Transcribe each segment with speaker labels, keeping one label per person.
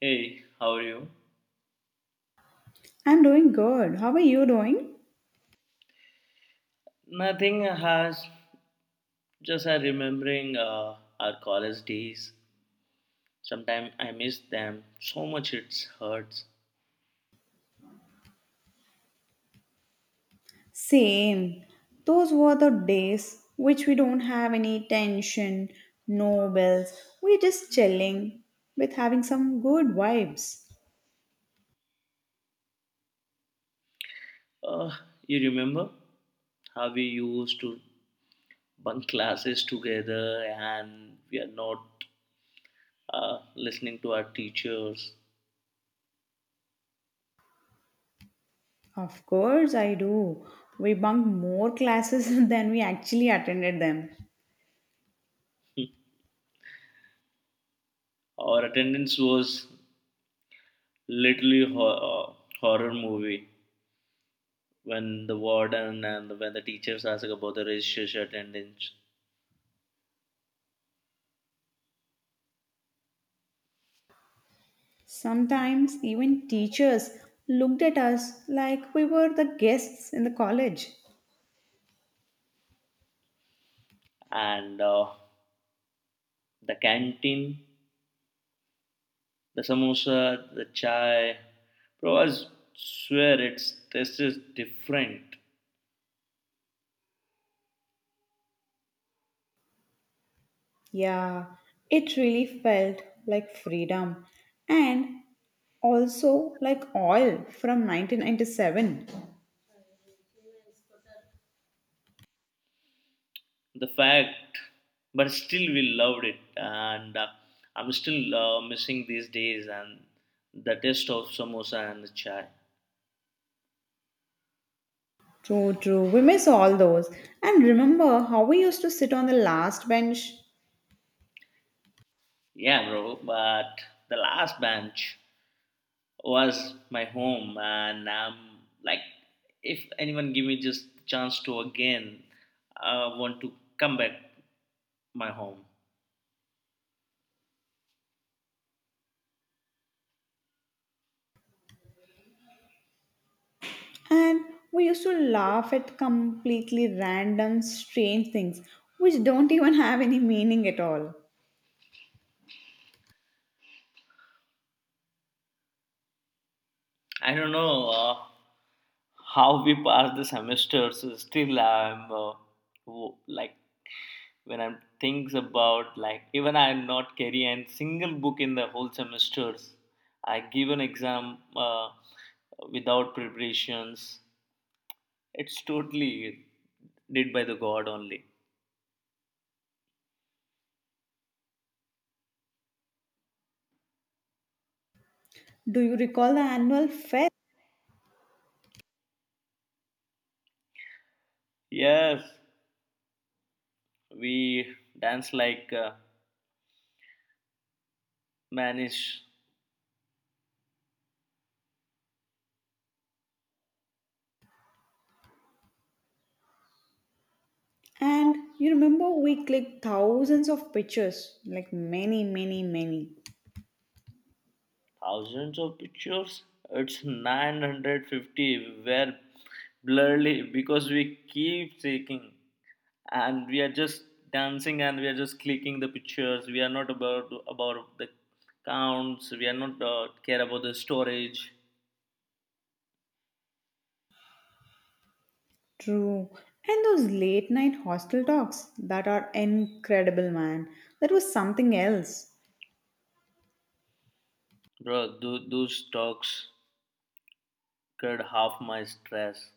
Speaker 1: Hey, how are you?
Speaker 2: I'm doing good. How are you doing?
Speaker 1: Nothing has just remembering our college days. Sometimes I miss them so much it hurts.
Speaker 2: Same. Those were the days which we don't have any tension, no bills. We're just chilling with having some good vibes.
Speaker 1: Uh, you remember how we used to bunk classes together and we are not listening to our teachers.
Speaker 2: Of course, I do. We bunked more classes than we actually attended them.
Speaker 1: Our attendance was literally horror movie when the warden and when the teachers ask about the registration attendance.
Speaker 2: Sometimes even teachers looked at us like we were the guests in the college.
Speaker 1: And the canteen, the samosa, the chai. Bro, I swear its taste is different.
Speaker 2: Yeah, it really felt like freedom. And also like oil from 1997.
Speaker 1: The fact, but still we loved it, and I'm still missing these days and the taste of samosa and the chai.
Speaker 2: True, true, we miss all those. And remember how we used to sit on the last bench,
Speaker 1: Yeah, bro, but the last bench was my home, and I'm like, if anyone give me just chance to again, I want to come back my home.
Speaker 2: and we used to laugh at completely random strange things which don't even have any meaning at all.
Speaker 1: I don't know how we passed the semester. So still, I'm like when I'm thinks about like even I'm not carrying a single book in the whole semesters. I give an exam without preparations. It's totally did by the God only.
Speaker 2: Do you recall the annual fest?
Speaker 1: Yes, we dance like manish
Speaker 2: And you remember we clicked thousands of pictures, like many.
Speaker 1: thousands of pictures, it's 950 were blurry because we keep taking, and we are just dancing and we are just clicking the pictures. We are not about the counts, we are not care about the storage.
Speaker 2: True. And those late night hostel talks that are incredible, man. That was something else.
Speaker 1: Bro, those talks cut half my stress.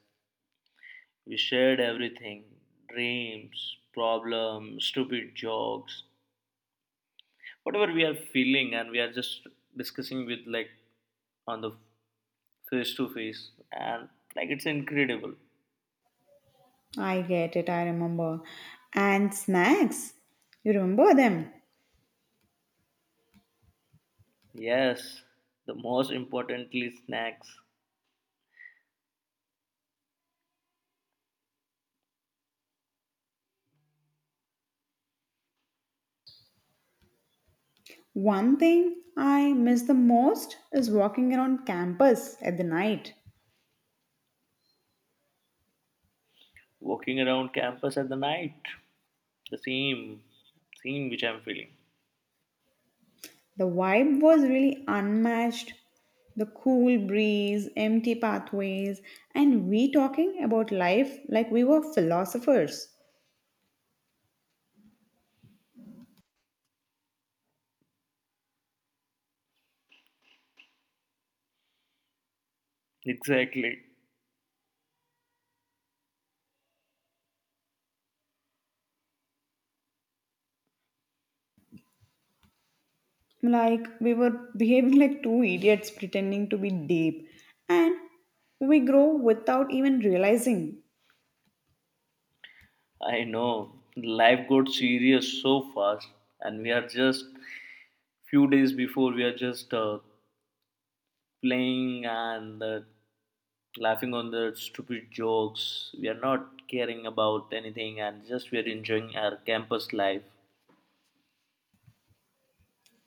Speaker 1: We shared everything: dreams, problems, stupid jokes, whatever we are feeling, and we are just discussing with like on the face to face, and like it's incredible.
Speaker 2: I get it, I remember. And snacks. You remember them.
Speaker 1: Yes, the most importantly snacks.
Speaker 2: One thing I miss the most is walking around campus at the night.
Speaker 1: Walking around campus at the night, the same which I'm feeling,
Speaker 2: The vibe was really unmatched. The cool breeze, empty pathways, and we talking about life like we were philosophers.
Speaker 1: exactly.
Speaker 2: Like we were behaving like two idiots pretending to be deep. And we grow without even realizing.
Speaker 1: I know life got serious so fast, and we are just few days before we are just playing and laughing on the stupid jokes. We are not caring about anything, and just we are enjoying our campus life.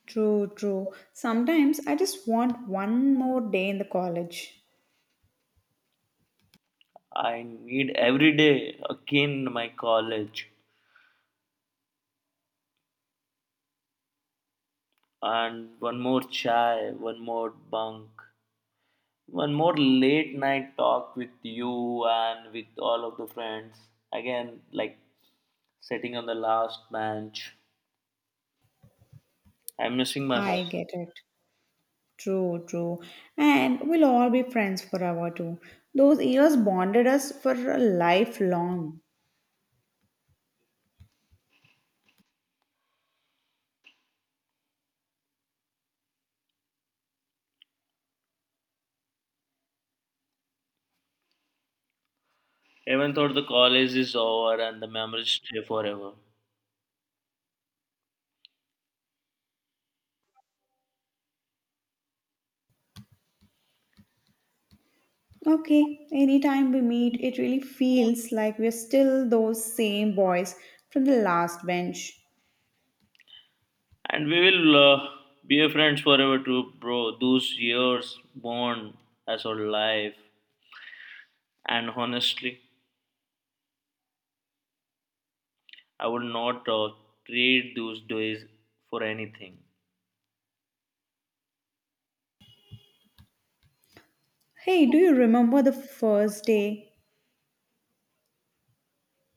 Speaker 2: True, true. Sometimes I just want one more day in the college.
Speaker 1: I need every day again my college, and one more chai, one more bunk, one more late night talk with you and with all of the friends. Again, like sitting on the last bench. I'm missing my home.
Speaker 2: I get it. True, true. And we'll all be friends forever too. Those years bonded us for a lifelong.
Speaker 1: Even though the college is over and the memories stay forever.
Speaker 2: Okay, anytime we meet, it really feels like we're still those same boys from the last bench.
Speaker 1: And we will be a friends forever too, bro. Those years born as our life. And honestly, I would not trade those days for anything.
Speaker 2: Hey, do you remember the first day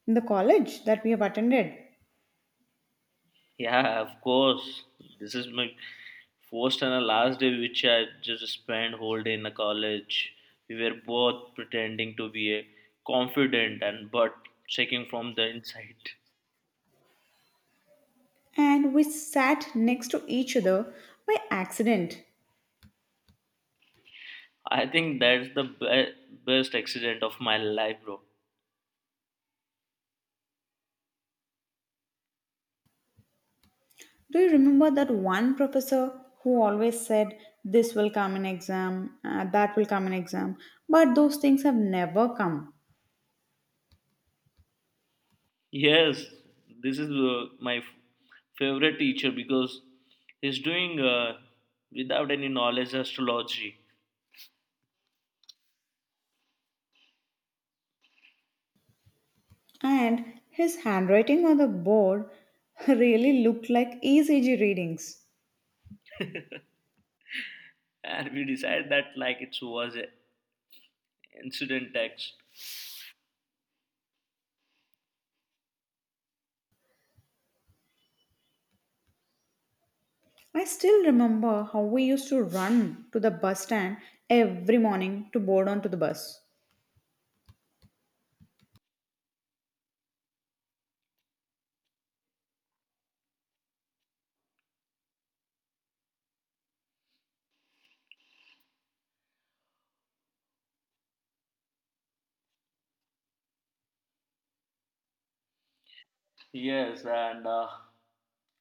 Speaker 2: in the college that we have attended?
Speaker 1: Yeah, of course. This is my first and a last day which I just spent whole day in a college. We were both pretending to be a confident, and but checking from the inside.
Speaker 2: And we sat next to each other by accident.
Speaker 1: I think that's the best accident of my life, bro.
Speaker 2: Do you remember that one professor who always said, "This will come in exam, that will come in exam," but those things have never come?
Speaker 1: Yes, this is my favorite teacher because he's doing without any knowledge astrology.
Speaker 2: And his handwriting on the board really looked like ECG readings.
Speaker 1: And we decided that like it was a incident text.
Speaker 2: I still remember how we used to run to the bus stand every morning to board onto the bus.
Speaker 1: Yes, and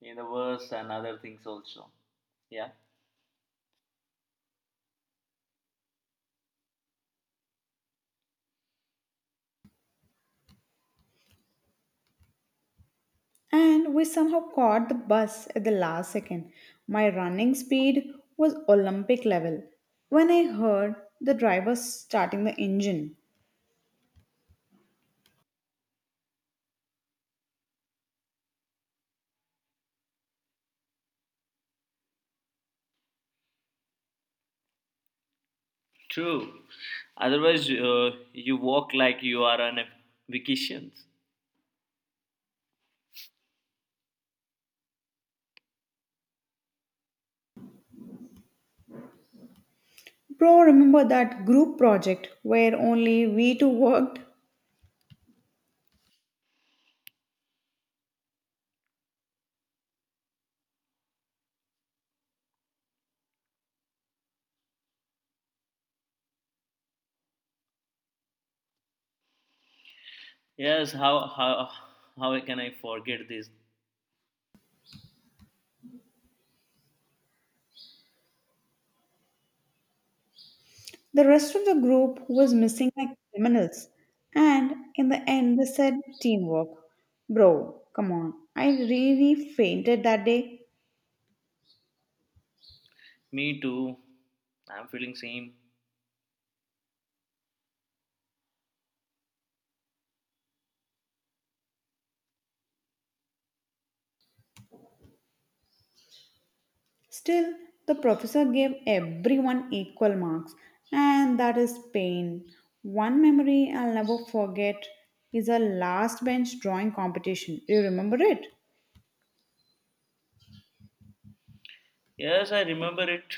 Speaker 1: in the verse and other things also, yeah.
Speaker 2: And we somehow caught the bus at the last second. My running speed was Olympic level when I heard the driver starting the engine.
Speaker 1: True, otherwise you walk like you are on a vacation.
Speaker 2: Bro, remember that group project where only we two worked?
Speaker 1: Yes, how can I forget this?
Speaker 2: The rest of the group was missing like criminals, and in the end, they said teamwork. Bro, come on, I really fainted that day.
Speaker 1: Me too, I'm feeling same.
Speaker 2: Still, the professor gave everyone equal marks, and that is pain. One memory I'll never forget is a last bench drawing competition. Do you remember it?
Speaker 1: Yes, I remember it.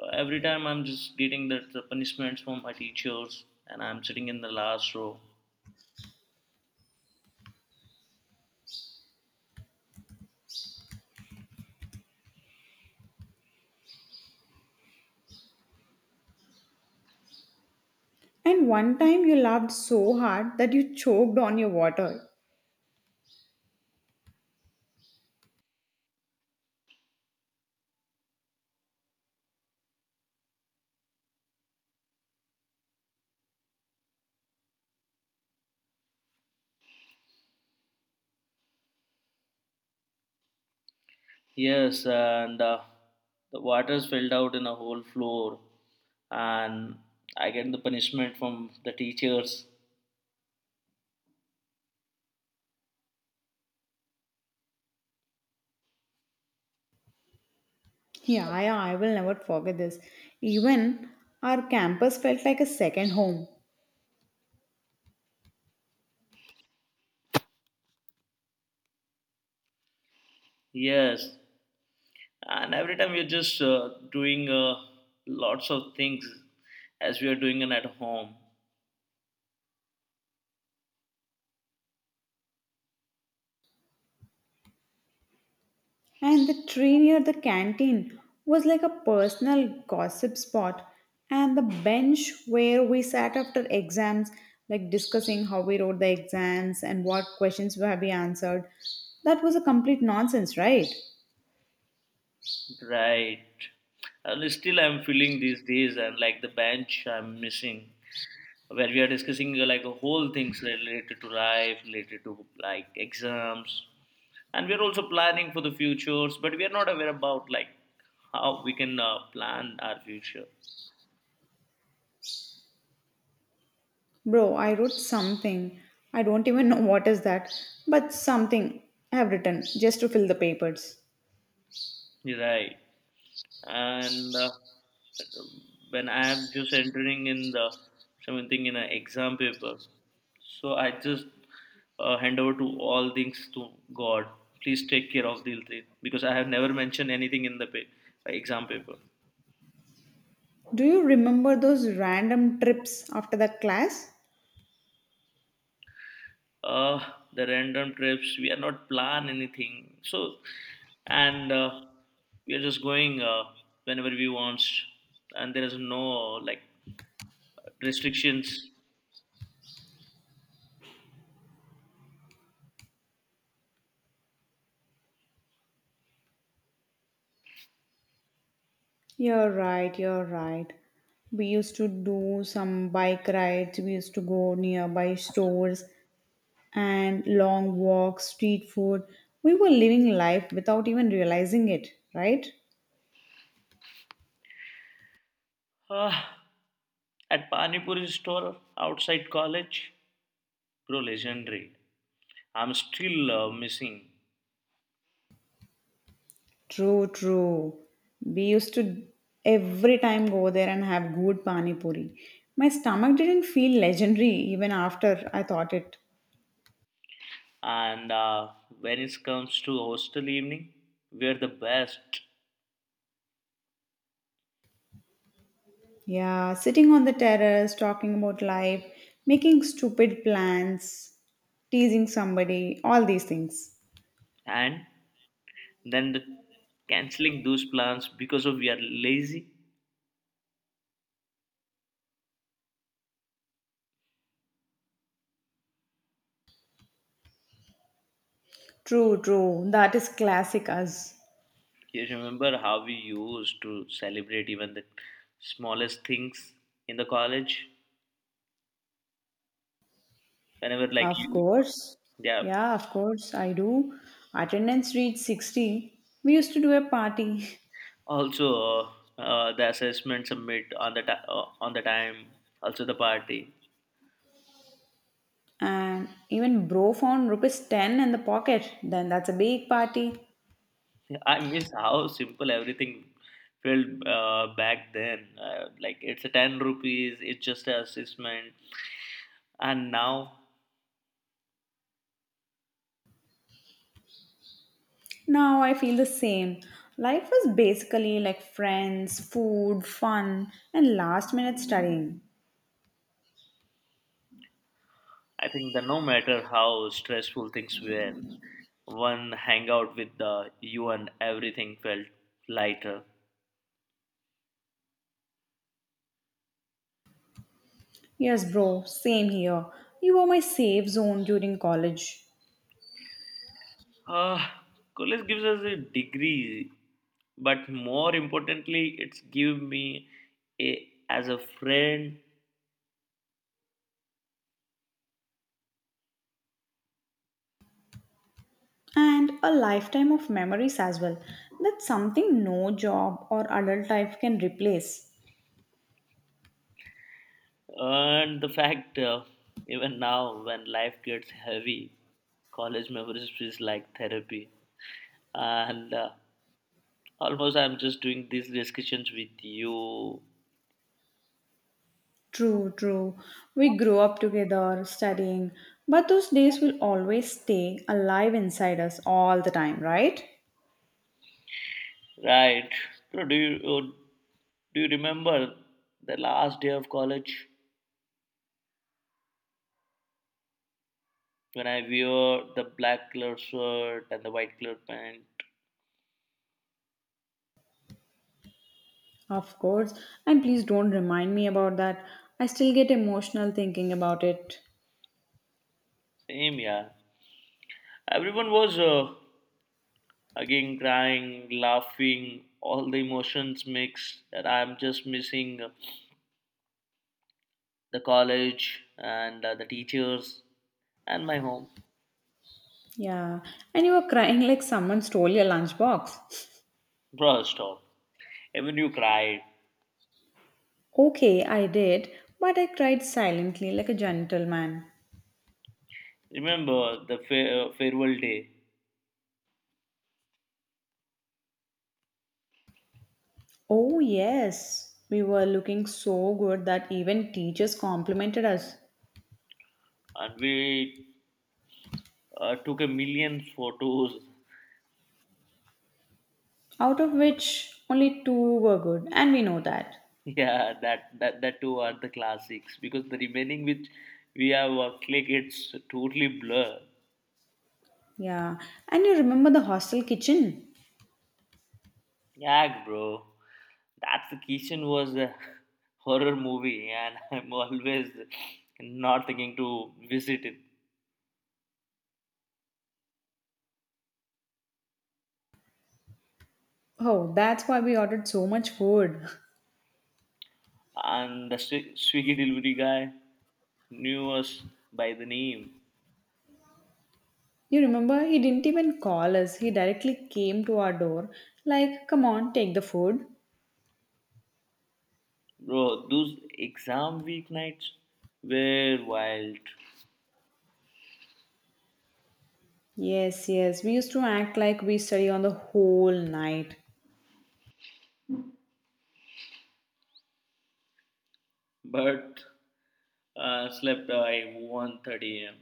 Speaker 1: Every time I'm just getting that the punishments from my teachers, and I'm sitting in the last row.
Speaker 2: And one time you laughed so hard that you choked on your water.
Speaker 1: Yes, and the water spilled out in a whole floor, and I get the punishment from the teachers.
Speaker 2: Yeah, yeah, I will never forget this. Even our campus felt like a second home.
Speaker 1: Yes, and every time you're just doing lots of things as we are doing it at home,
Speaker 2: And the tree near the canteen was like a personal gossip spot. And the bench where we sat after exams, like discussing how we wrote the exams and what questions have we answered, that was a complete nonsense, right?
Speaker 1: right? And still, I'm feeling these days, and like the bench I'm missing, where we are discussing like whole things related to life, related to like exams, and we're also planning for the futures, but we're not aware about like how we can plan our future.
Speaker 2: Bro, I wrote something. I don't even know what is that, but something I have written just to fill the papers.
Speaker 1: Right, and when I am just entering in the something in an exam paper, so I just hand over to all things to god. Please take care of these things because I have never mentioned anything in the exam paper.
Speaker 2: Do you remember those random trips after that class?
Speaker 1: Uh the random trips we are not plan anything, so, and we are just going whenever we want, and there is no like restrictions.
Speaker 2: You're right, you're right. We used to do some bike rides, we used to go nearby stores and long walks, street food. We were living life without even realizing it, right?
Speaker 1: Uh, at panipuri store outside college, bro, legendary. I'm still missing.
Speaker 2: True, true. We used to every time go there and have good pani puri. My stomach didn't feel legendary even after I thought it.
Speaker 1: And when it comes to hostel evening, we are the best.
Speaker 2: Yeah, sitting on the terrace, talking about life, making stupid plans, teasing somebody, all these things.
Speaker 1: And then the canceling those plans because of we are lazy.
Speaker 2: True, true. That is classic us.
Speaker 1: You remember how we used to celebrate even the smallest things in the college? Whenever, like
Speaker 2: Of
Speaker 1: you,
Speaker 2: course.
Speaker 1: yeah.
Speaker 2: Yeah, of course, I do. Attendance reached 60. We used to do a party.
Speaker 1: Also, the assessment submit on the on the time. Also, the party.
Speaker 2: And even bro found rupees 10 in the pocket. Then that's a big party.
Speaker 1: I miss how simple everything felt back then. Like it's a ₹10. It's just an assessment. And now,
Speaker 2: Now I feel the same. Life was basically like friends, food, fun, and last minute studying.
Speaker 1: I think that no matter how stressful things were, one hangout with the you and everything felt lighter.
Speaker 2: Yes, bro, same here. You were my safe zone during college.
Speaker 1: Uh, College gives us a degree, but more importantly, it's give me a, as a friend.
Speaker 2: And a lifetime of memories as well. That's something no job or adult life can replace.
Speaker 1: And the fact even now when life gets heavy, college memories feels like therapy. And almost I'm just doing these discussions with you,
Speaker 2: True, true. We grew up together, studying, but those days will always stay alive inside us all the time, right?
Speaker 1: right? So do you remember the last day of college when I wear the black color shirt and the white color pant?
Speaker 2: Of course, and please don't remind me about that. I still get emotional thinking about it.
Speaker 1: Same, yeah. Everyone was again crying, laughing, all the emotions mixed. That I'm just missing the college, and the teachers, and my home.
Speaker 2: Yeah, and you were crying like someone stole your lunchbox.
Speaker 1: Bro, stop. Even you cried.
Speaker 2: Okay, I did, but I cried silently like a gentleman.
Speaker 1: Remember the farewell day,
Speaker 2: Oh, yes, we were looking so good that even teachers complimented us,
Speaker 1: and we took a million photos.
Speaker 2: out of which only two were good, and we know that.
Speaker 1: Yeah, that two are the classics because the remaining which we have click it's totally blur.
Speaker 2: Yeah, and you remember the hostel kitchen?
Speaker 1: Yeah, bro. That vacation was a horror movie, and I'm always not thinking to visit it.
Speaker 2: Oh, that's why we ordered so much food.
Speaker 1: And the Swiggy delivery guy knew us by the name.
Speaker 2: You remember, he didn't even call us, he directly came to our door, like, come on, take the food.
Speaker 1: Bro, those exam weeknights were wild.
Speaker 2: Yes, yes, we used to act like we study on the whole night.
Speaker 1: But slept by 1:30 a.m.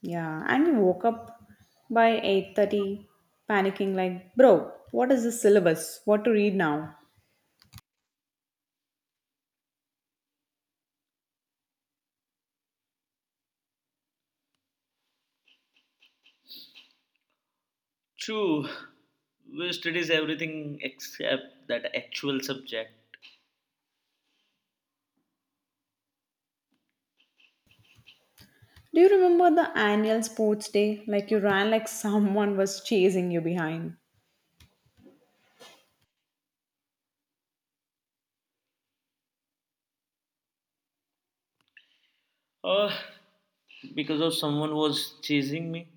Speaker 2: Yeah, and you woke up by 8:30 panicking like, "Bro, what is the syllabus? What to read now?"
Speaker 1: True, we studies everything except that actual subject.
Speaker 2: Do you remember the annual sports day? Like you ran like someone was chasing you behind.
Speaker 1: Oh, because of someone was chasing me.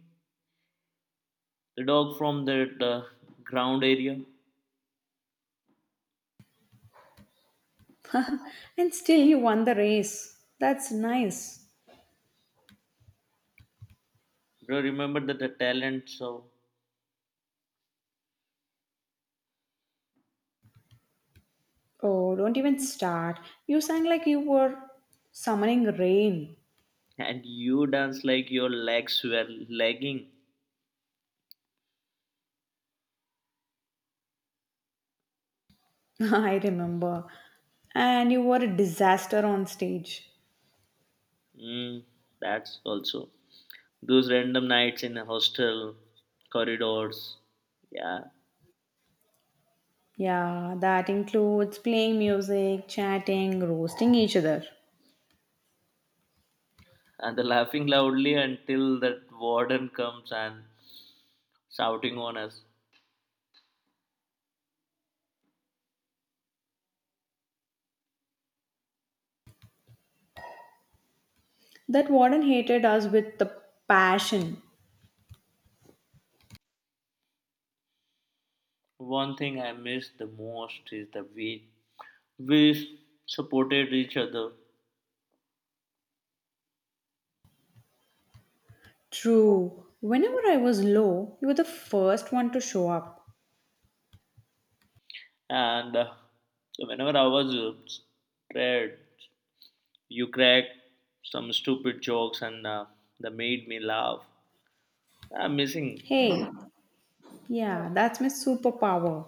Speaker 1: The dog from that ground area.
Speaker 2: And still you won the race. That's nice.
Speaker 1: Bro, remember that the talent show,
Speaker 2: Oh, don't even start. You sang like you were summoning rain.
Speaker 1: and you dance like your legs were lagging.
Speaker 2: I remember. And you were a disaster on stage.
Speaker 1: Mm, that's also those random nights in a hostel corridors. Yeah,
Speaker 2: Yeah, that includes playing music, chatting, roasting each other.
Speaker 1: and the laughing loudly until that warden comes and shouting on us.
Speaker 2: That warden hated us with the passion.
Speaker 1: One thing I miss the most is the way we supported each other,
Speaker 2: True. Whenever I was low, you were the first one to show up.
Speaker 1: and whenever I was scared, you crack some stupid jokes, and that made me laugh. I'm missing.
Speaker 2: Hey, yeah, that's my superpower.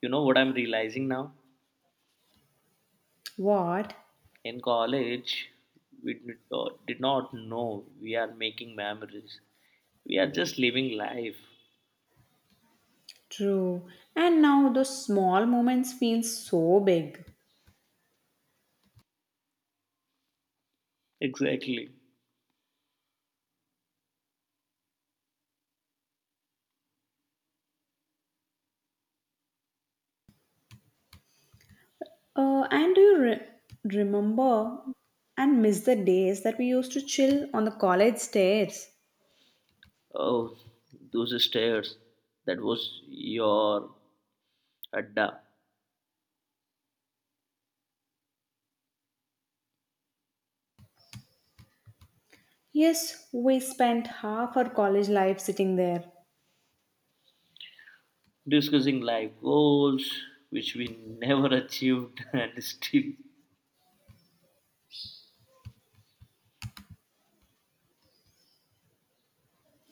Speaker 1: You know what I'm realizing now?
Speaker 2: What?
Speaker 1: In college, we did not know we are making memories. We are just living life.
Speaker 2: True. And now those small moments feel so big.
Speaker 1: Exactly.
Speaker 2: And do you remember and miss the days that we used to chill on the college stairs?
Speaker 1: Oh, those stairs. That was your adda.
Speaker 2: Yes, we spent half our college life sitting there.
Speaker 1: Discussing life goals, which we never achieved and still.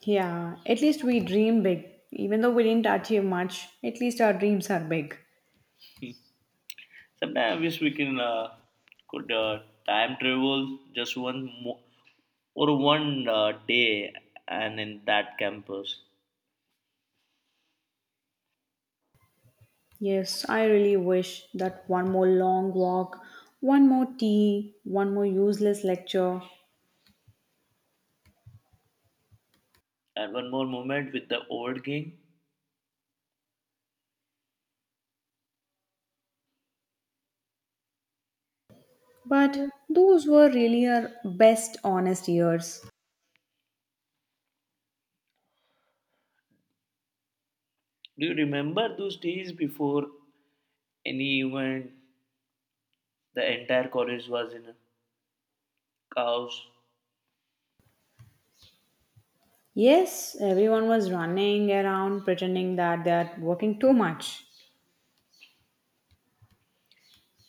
Speaker 2: Yeah, at least we dream big. Even though we didn't achieve much, at least our dreams are big.
Speaker 1: Sometimes I wish we can could time travel just one mo- or one day, and in that campus.
Speaker 2: Yes, I really wish that one more long walk, one more tea, one more useless lecture.
Speaker 1: And one more moment with the old gang.
Speaker 2: But those were really our best honest years.
Speaker 1: Do you remember those days before any event? The entire college was in a chaos,
Speaker 2: Yes, everyone was running around pretending that they are working too much.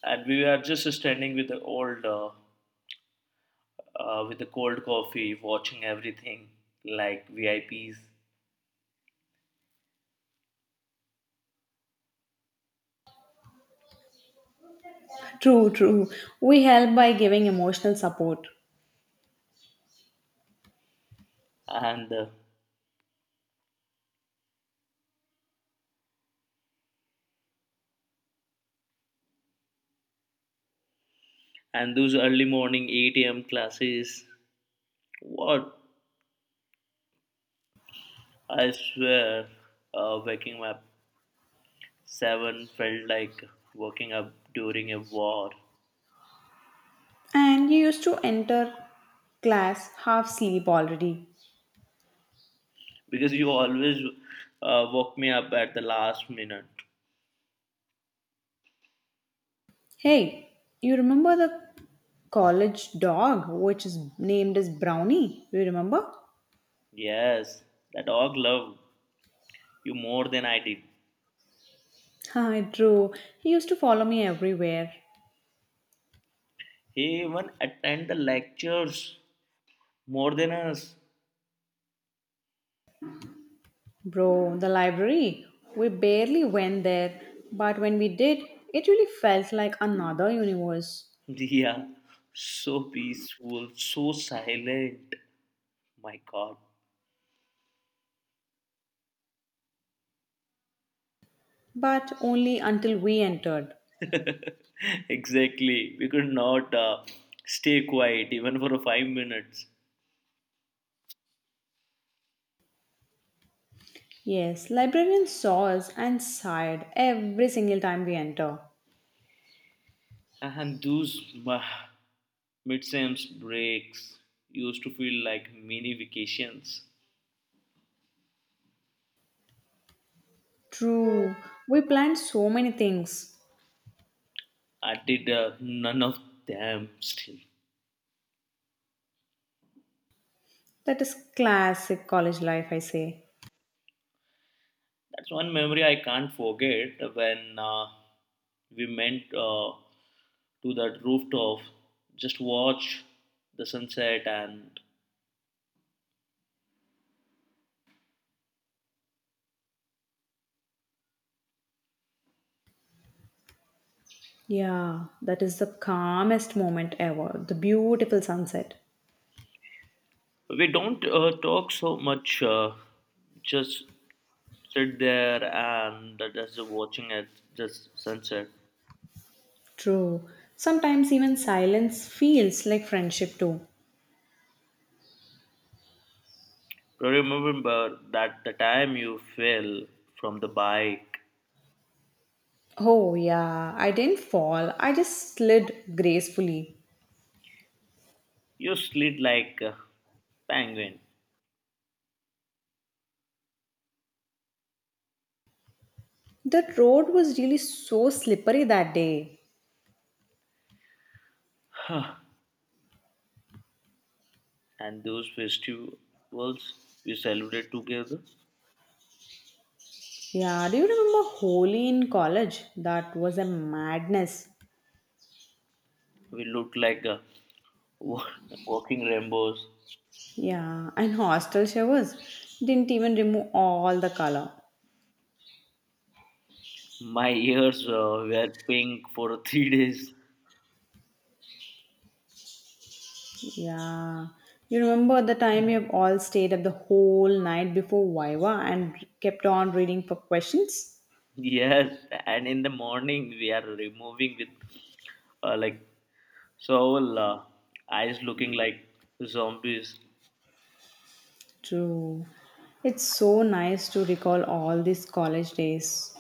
Speaker 1: and we were just standing with the with the cold coffee, watching everything like VIPs,
Speaker 2: True, true. We help by giving emotional support.
Speaker 1: and uh, and those early morning 8 a.m. classes. What, I swear, waking up seven felt like waking up during a war,
Speaker 2: And you used to enter class half asleep already.
Speaker 1: because you always woke me up at the last minute.
Speaker 2: Hey, you remember the college dog which is named as Brownie? You remember?
Speaker 1: Yes, the dog loved you more than I did.
Speaker 2: Hi, true. He used to follow me everywhere.
Speaker 1: He even attended the lectures more than us.
Speaker 2: Bro, the library. We barely went there, but when we did, it really felt like another universe.
Speaker 1: Yeah, so peaceful, so silent. My God,
Speaker 2: But only until we entered.
Speaker 1: exactly. We could not stay quiet even for 5 minutes.
Speaker 2: Yes, librarian saw us and sighed every single time we enter.
Speaker 1: And those midsems breaks used to feel like mini vacations.
Speaker 2: True. We plan so many things.
Speaker 1: I did none of them still.
Speaker 2: That is classic college life, I say.
Speaker 1: That's one memory I can't forget when we went to that rooftop, just watch the sunset, and
Speaker 2: Yeah, that is the calmest moment ever. The beautiful sunset.
Speaker 1: we don't talk so much, just sit there and just watching it, just sunset.
Speaker 2: True. Sometimes even silence feels like friendship too.
Speaker 1: Remember that the time you fell from the bike,
Speaker 2: Oh, yeah, I didn't fall. I just slid gracefully.
Speaker 1: you slid like a penguin.
Speaker 2: The road was really so slippery that day.
Speaker 1: Huh. And those festivals we celebrate together,
Speaker 2: Yeah, do you remember Holi in college? That was a madness.
Speaker 1: we looked like wa- walking rainbows.
Speaker 2: Yeah, and hostel showers didn't even remove all the color.
Speaker 1: My ears were pink for 3 days.
Speaker 2: Yeah. You remember the time we have all stayed up the whole night before Viva and kept on reading for questions?
Speaker 1: Yes, and in the morning we are removing with like so our, eyes looking like zombies.
Speaker 2: True. It's so nice to recall all these college days.